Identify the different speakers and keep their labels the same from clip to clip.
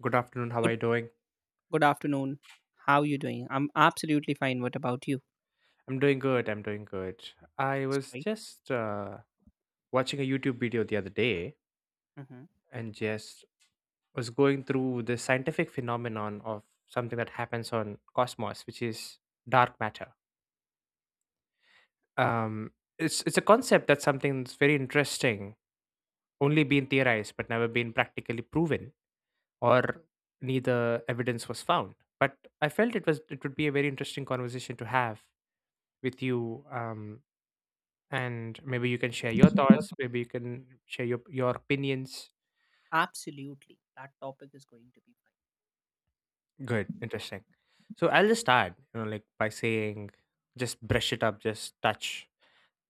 Speaker 1: Good afternoon. How are you
Speaker 2: Good
Speaker 1: doing?
Speaker 2: good afternoon. How are you doing? I'm absolutely fine. What about you?
Speaker 1: I'm doing good. I'm doing good. I
Speaker 2: It's
Speaker 1: was
Speaker 2: great.
Speaker 1: just watching a YouTube video the other day
Speaker 2: Hmm.
Speaker 1: and just was going through the scientific phenomenon of something that happens on cosmos, which is dark matter. Um, it's a concept that's something that's very interesting, only been theorized but never been practically proven, or neither evidence was found. But I felt it would be a very interesting conversation to have with you. And maybe you can share your thoughts, maybe you can share your opinions.
Speaker 2: Absolutely. That topic is going to be fine.
Speaker 1: Good, interesting. So I'll just start, like by saying just brush it up, just touch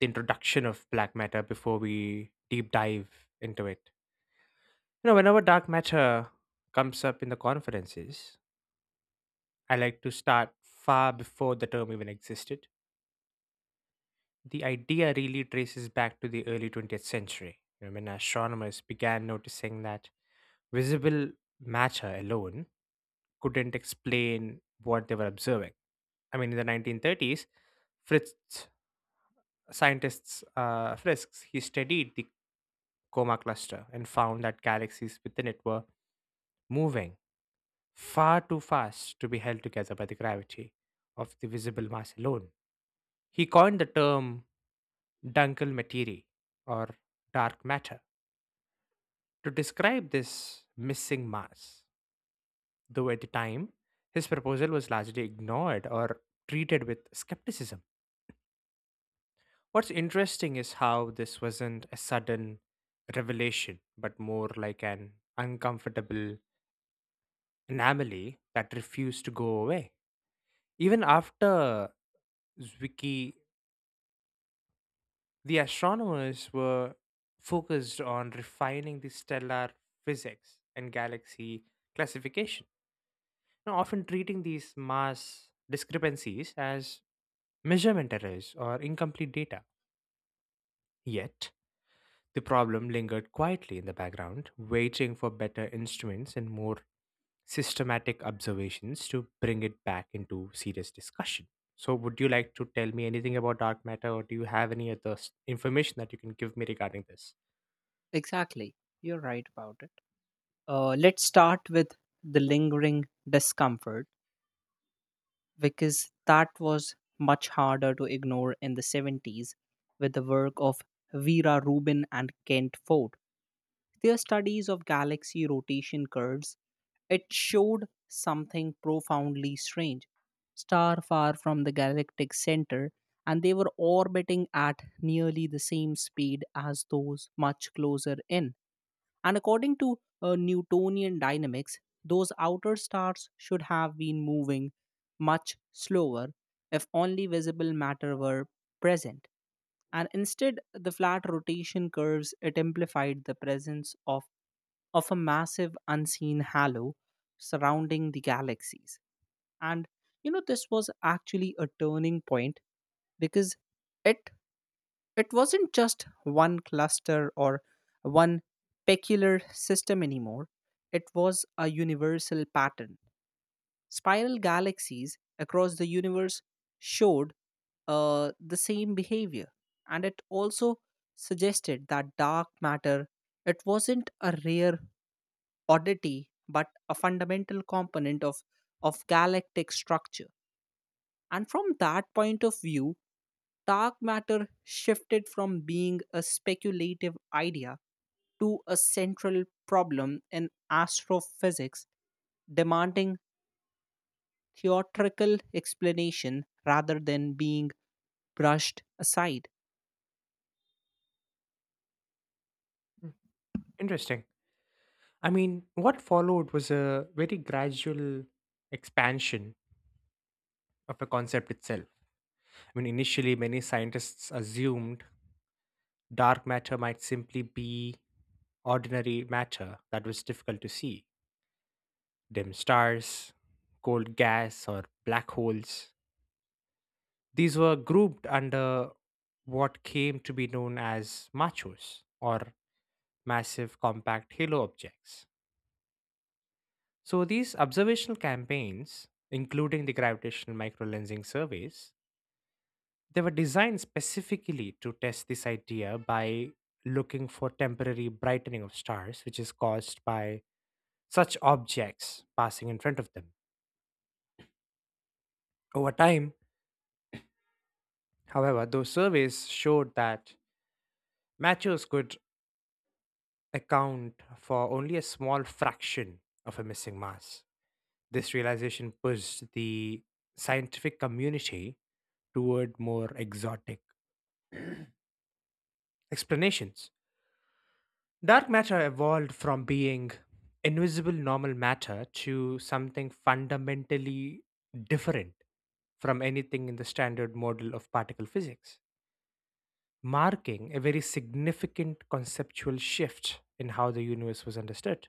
Speaker 1: the introduction of black matter before we deep dive into it. Whenever dark matter comes up in the conferences, I like to start far before the term even existed. The idea really traces back to the early 20th century, when astronomers began noticing that visible matter alone couldn't explain what they were observing. I mean, in the 1930s, Fritz scientists Frisks he studied the Coma cluster and found that galaxies within it were moving far too fast to be held together by the gravity of the visible mass alone. He coined the term Dunkel materie or dark matter to describe this missing mass, though at the time his proposal was largely ignored or treated with skepticism. What's interesting is how this wasn't a sudden revelation, but more like an uncomfortable anomaly that refused to go away. Even after Zwicky, the astronomers were focused on refining the stellar physics and galaxy classification, often treating these mass discrepancies as measurement errors or incomplete data. Yet, the problem lingered quietly in the background, waiting for better instruments and more systematic observations to bring it back into serious discussion. So, would you like to tell me anything about dark matter, or do you have any other information that you can give me regarding this?
Speaker 2: Exactly. You're right about it. Let's start with the lingering discomfort, because that was much harder to ignore in the 70s, with the work of Vera Rubin and Kent Ford. Their studies of galaxy rotation curves, it showed something profoundly strange. Star far from the galactic center, and they were orbiting at nearly the same speed as those much closer in. And according to Newtonian dynamics, those outer stars should have been moving much slower if only visible matter were present. And instead, the flat rotation curves, it implied the presence of a massive unseen halo surrounding the galaxies. And you know, this was actually a turning point, because it it wasn't just one cluster or one peculiar system anymore. It was a universal pattern. Spiral galaxies across the universe showed the same behavior, and it also suggested that dark matter, it wasn't a rare oddity but a fundamental component of galactic structure. And from that point of view, dark matter shifted from being a speculative idea to a central problem in astrophysics, demanding theatrical explanation rather than being brushed aside.
Speaker 1: Hmm, interesting. I mean, what followed was a very gradual expansion of the concept itself. I mean, initially, many scientists assumed dark matter might simply be ordinary matter that was difficult to see dim stars, cold gas, or black holes. These were grouped under what came to be known as machos, or massive compact halo objects. So, these observational campaigns, including the gravitational microlensing surveys, they were designed specifically to test this idea by looking for temporary brightening of stars, which is caused by such objects passing in front of them. Over time, however, those surveys showed that matches could account for only a small fraction of a missing mass. This realization pushed the scientific community toward more exotic explanations. Dark matter evolved from being invisible normal matter to something fundamentally different from anything in the standard model of particle physics, marking a very significant conceptual shift in how the universe was understood.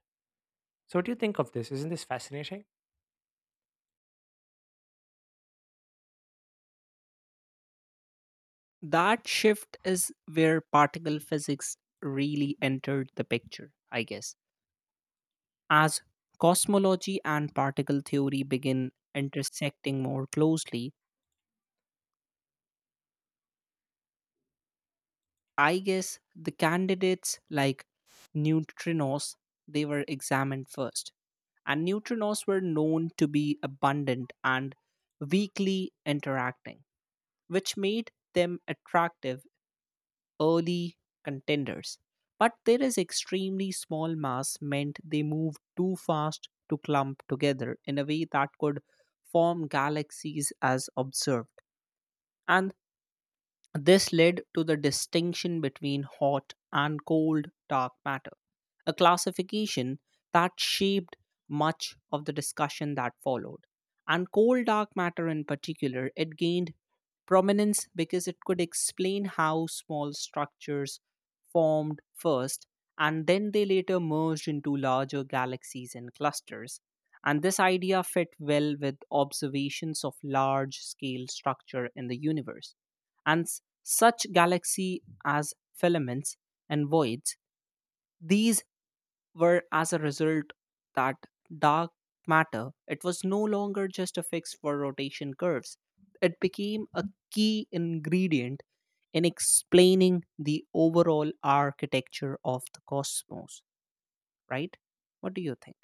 Speaker 1: So, what do you think of this? Isn't this fascinating?
Speaker 2: That shift is where particle physics really entered the picture, I guess. As cosmology and particle theory begin intersecting more closely, I guess the candidates like neutrinos, they were examined first. And neutrinos were known to be abundant and weakly interacting, which made them attractive early contenders, but there is extremely small mass meant they move too fast to clump together in a way that could form galaxies as observed. And this led to the distinction between hot and cold dark matter, a classification that shaped much of the discussion that followed. And cold dark matter, in particular, it gained prominence because it could explain how small structures formed first and then they later merged into larger galaxies and clusters. And this idea fit well with observations of large scale structure in the universe. And s- Such galaxy as filaments and voids, these were as a result that dark matter, it was no longer just a fix for rotation curves. It became a key ingredient in explaining the overall architecture of the cosmos, right? What do you think?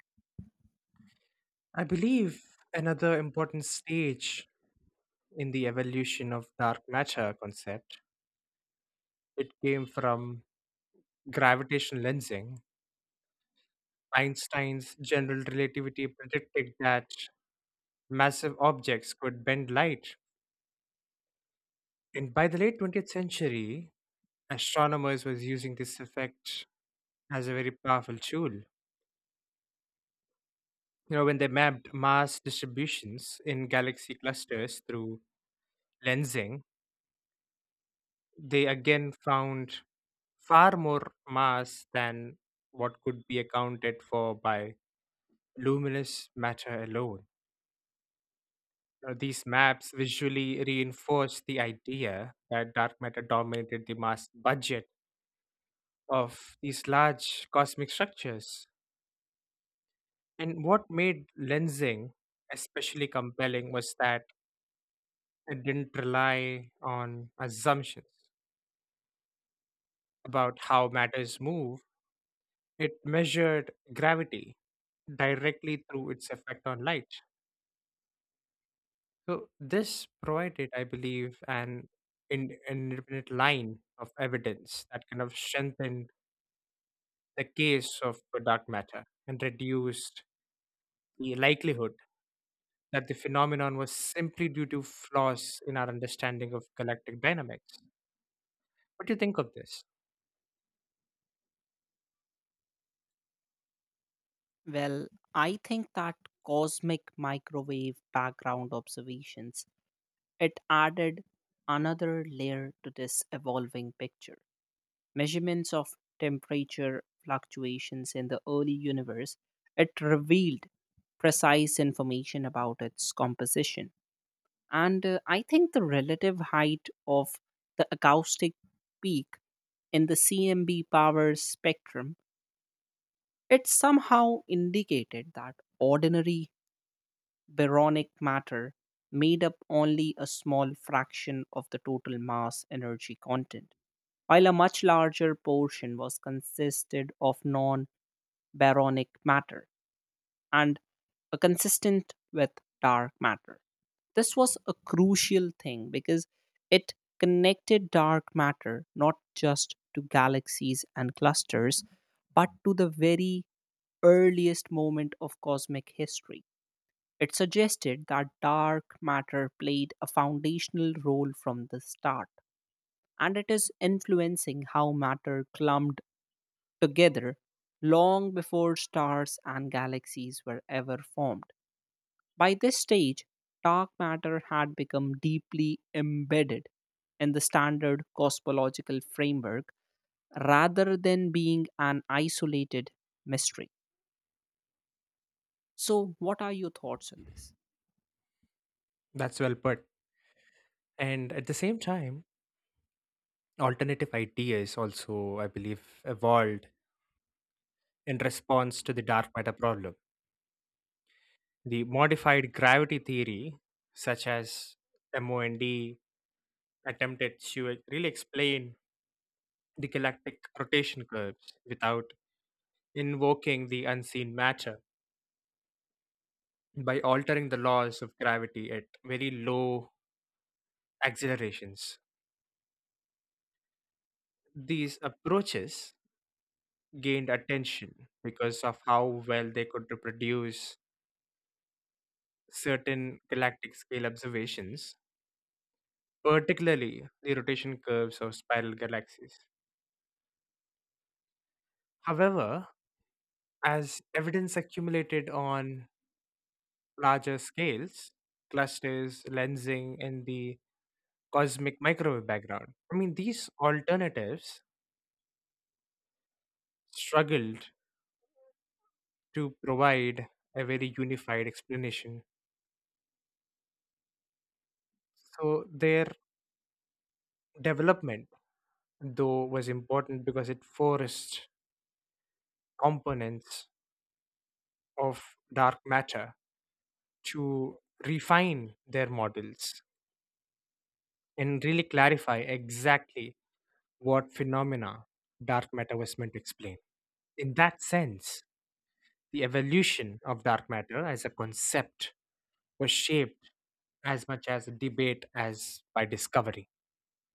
Speaker 1: I believe another important stage in the evolution of dark matter concept it came from gravitational lensing. Einstein's general relativity predicted that massive objects could bend light, and by the late 20th century, astronomers was using this effect as a very powerful tool. You know, when they mapped mass distributions in galaxy clusters through lensing, they again found far more mass than what could be accounted for by luminous matter alone. Now, these maps visually reinforce the idea that dark matter dominated the mass budget of these large cosmic structures. And what made lensing especially compelling was that it didn't rely on assumptions about how matters move, it measured gravity directly through its effect on light. So, this provided, I believe, an independent line of evidence that kind of strengthened the case of dark matter and reduced the likelihood that the phenomenon was simply due to flaws in our understanding of galactic dynamics. What do you think of this?
Speaker 2: Well, I think that cosmic microwave background observations, it added another layer to this evolving picture. Measurements of temperature fluctuations in the early universe, it revealed precise information about its composition. And I think the relative height of the acoustic peak in the CMB power spectrum, it somehow indicated that ordinary baronic matter made up only a small fraction of the total mass energy content, while a much larger portion was consisted of non baronic matter and a consistent with dark matter. This was a crucial thing, because it connected dark matter not just to galaxies and clusters, but to the very earliest moment of cosmic history. It suggested that dark matter played a foundational role from the start, and it is influencing how matter clumped together long before stars and galaxies were ever formed. By this stage, dark matter had become deeply embedded in the standard cosmological framework, rather than being an isolated mystery. So, what are your thoughts on this?
Speaker 1: That's well put. And at the same time, alternative ideas also, I believe, evolved in response to the dark matter problem. The modified gravity theory, such as MOND, attempted to really explain the galactic rotation curves without invoking the unseen matter by altering the laws of gravity at very low accelerations. These approaches gained attention because of how well they could reproduce certain galactic scale observations, particularly the rotation curves of spiral galaxies. However, as evidence accumulated on larger scales, clusters, lensing, and the cosmic microwave background, I mean, these alternatives struggled to provide a very unified explanation. So, their development, though, was important because it forced components of dark matter to refine their models and really clarify exactly what phenomena dark matter was meant to explain. In that sense, the evolution of dark matter as a concept was shaped as much as a debate as by discovery.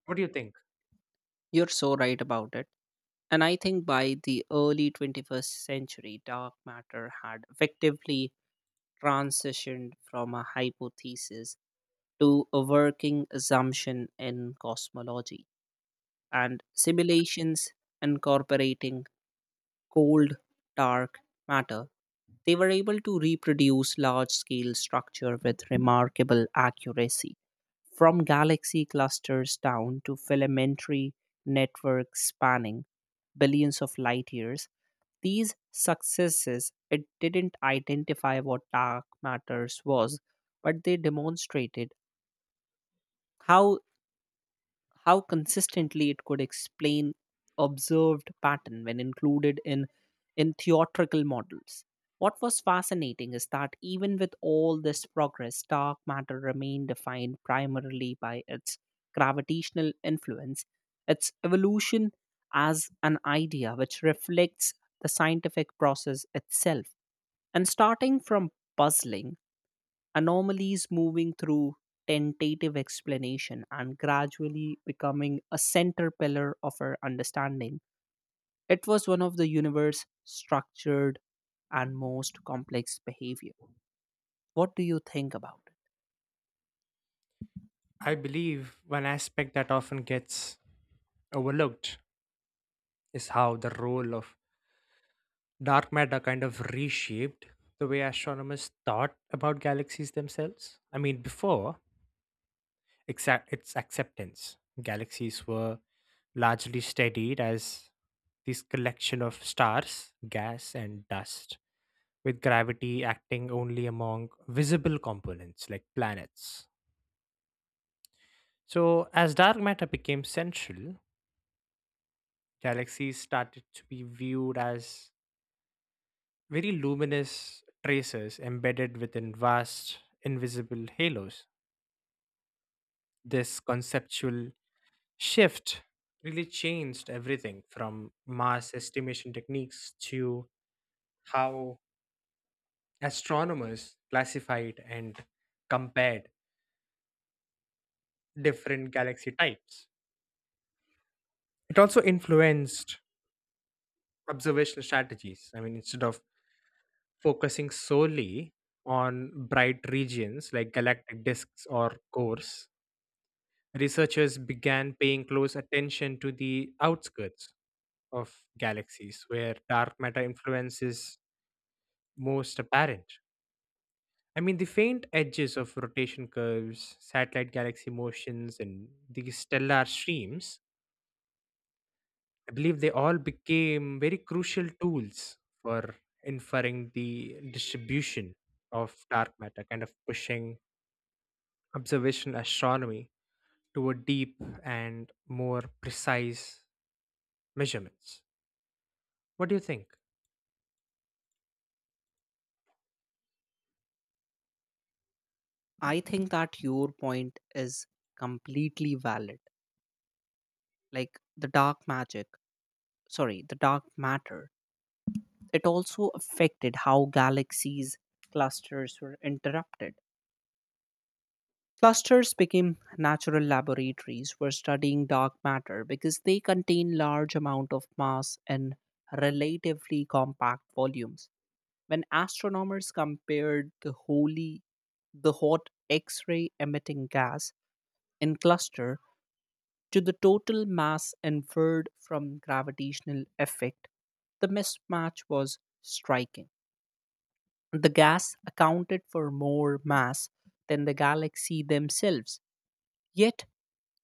Speaker 1: What do you think?
Speaker 2: You're so right about it. And I think by the early 21st century, dark matter had effectively transitioned from a hypothesis to a working assumption in cosmology. And simulations incorporating cold, dark matter, they were able to reproduce large scale structure with remarkable accuracy, from galaxy clusters down to filamentary networks spanning billions of light years. These successes, it didn't identify what dark matters was, but they demonstrated how how consistently it could explain observed pattern when included in theatrical models. What was fascinating is that even with all this progress, dark matter remained defined primarily by its gravitational influence. Its evolution as an idea, which reflects the scientific process itself, and starting from puzzling anomalies, moving through tentative explanation, and gradually becoming a center pillar of our understanding. It was one of the universe's structured and most complex behavior. What do you think about it?
Speaker 1: I believe one aspect that often gets overlooked is how the role of dark matter kind of reshaped the way astronomers thought about galaxies themselves. I mean, before exact its acceptance, galaxies were largely studied as this collection of stars, gas, and dust, with gravity acting only among visible components like planets. So, as dark matter became central, galaxies started to be viewed as very luminous traces embedded within vast invisible halos. This conceptual shift really changed everything from mass estimation techniques to how astronomers classified and compared different galaxy types. It also influenced observational strategies. I mean, instead of focusing solely on bright regions like galactic disks or cores, researchers began paying close attention to the outskirts of galaxies where dark matter influence is most apparent. I mean, the faint edges of rotation curves, satellite galaxy motions, and the stellar streams, I believe they all became very crucial tools for inferring the distribution of dark matter, kind of pushing observational astronomy toward deep and more precise measurements. What do you think?
Speaker 2: I think that your point is completely valid. Like the dark magic, sorry, the dark matter, it also affected how galaxies clusters were interrupted. Clusters became natural laboratories for studying dark matter because they contain large amount of mass in relatively compact volumes. When astronomers compared the hot X-ray emitting gas in cluster to the total mass inferred from gravitational effect, the mismatch was striking. The gas accounted for more mass than the galaxy themselves. Yet,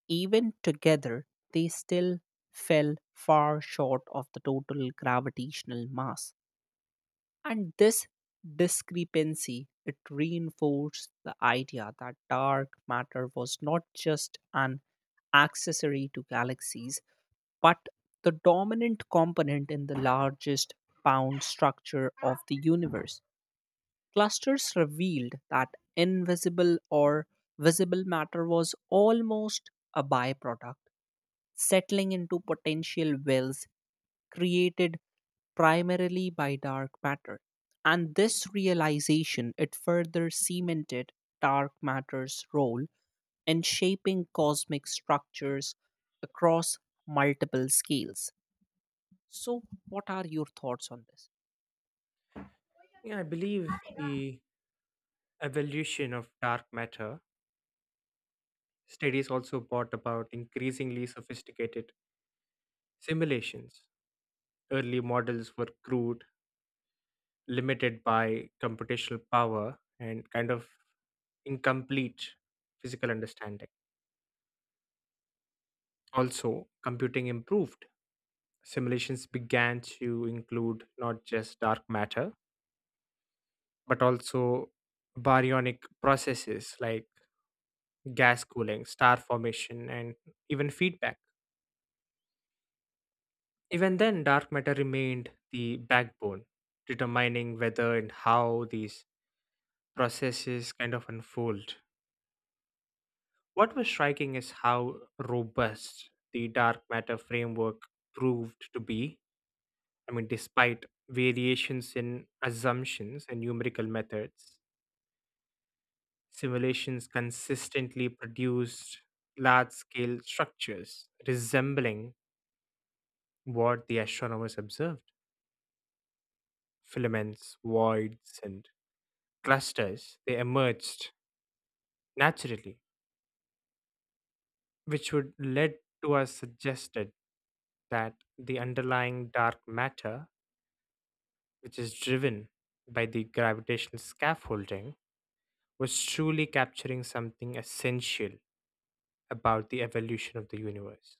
Speaker 2: even together, they still fell far short of the total gravitational mass. And this discrepancy, it reinforced the idea that dark matter was not just an accessory to galaxies, but the dominant component in the largest bound structure of the universe. Clusters revealed that invisible or visible matter was almost a byproduct, settling into potential wells created primarily by dark matter. And this realization, it further cemented dark matter's role in shaping cosmic structures across multiple scales. So, what are your thoughts on this?
Speaker 1: Yeah, I believe the evolution of dark matter studies also brought about increasingly sophisticated simulations. Early models were crude, limited by computational power, and kind of incomplete physical understanding. Also, computing improved. Simulations began to include not just dark matter, but also baryonic processes like gas cooling, star formation, and even feedback. Even then, dark matter remained the backbone, determining whether and how these processes kind of unfold. What was striking is how robust the dark matter framework proved to be. I mean, despite variations in assumptions and numerical methods, simulations consistently produced large scale structures resembling what the astronomers observed filaments, voids, and clusters. They emerged naturally, which would lead to us suggested that the underlying dark matter which is driven by the gravitational scaffolding, was truly capturing something essential about the evolution of the universe.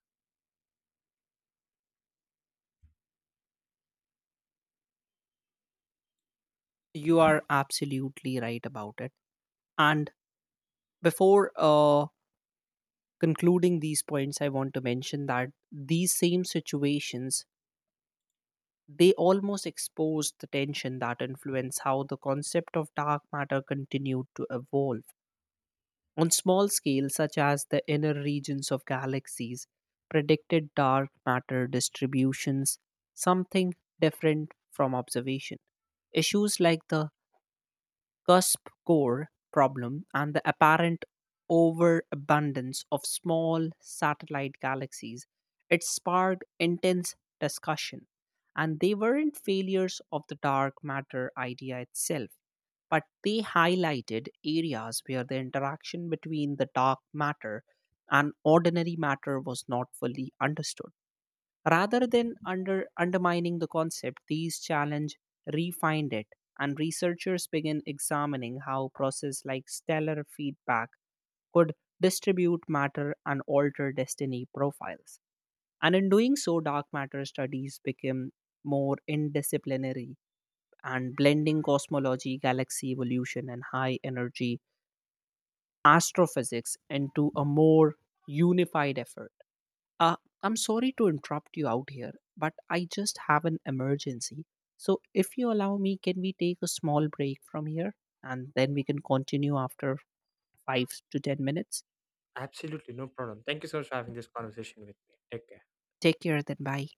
Speaker 2: You are absolutely right about it. And before concluding these points, I want to mention that these same situations, they almost exposed the tension that influenced how the concept of dark matter continued to evolve. On small scale, such as the inner regions of galaxies, predicted dark matter distributions, something different from observation. Issues like the cusp core problem and the apparent overabundance of small satellite galaxies, it sparked intense discussion. And they weren't failures of the dark matter idea itself, but they highlighted areas where the interaction between the dark matter and ordinary matter was not fully understood. Rather than undermining the concept, these challenge refined it, and researchers begin examining how process like stellar feedback could distribute matter and alter destiny profiles. And in doing so, dark matter studies become more indisciplinary, and blending cosmology, galaxy evolution, and high energy astrophysics into a more unified effort. Uh, I'm sorry to interrupt you out here, but I just have an emergency. So, if you allow me, can we take a small break from here and then we can continue after 5 to 10 minutes?
Speaker 1: Absolutely, no problem. Thank you so much for having this conversation with me. Take care.
Speaker 2: Take care, then bye.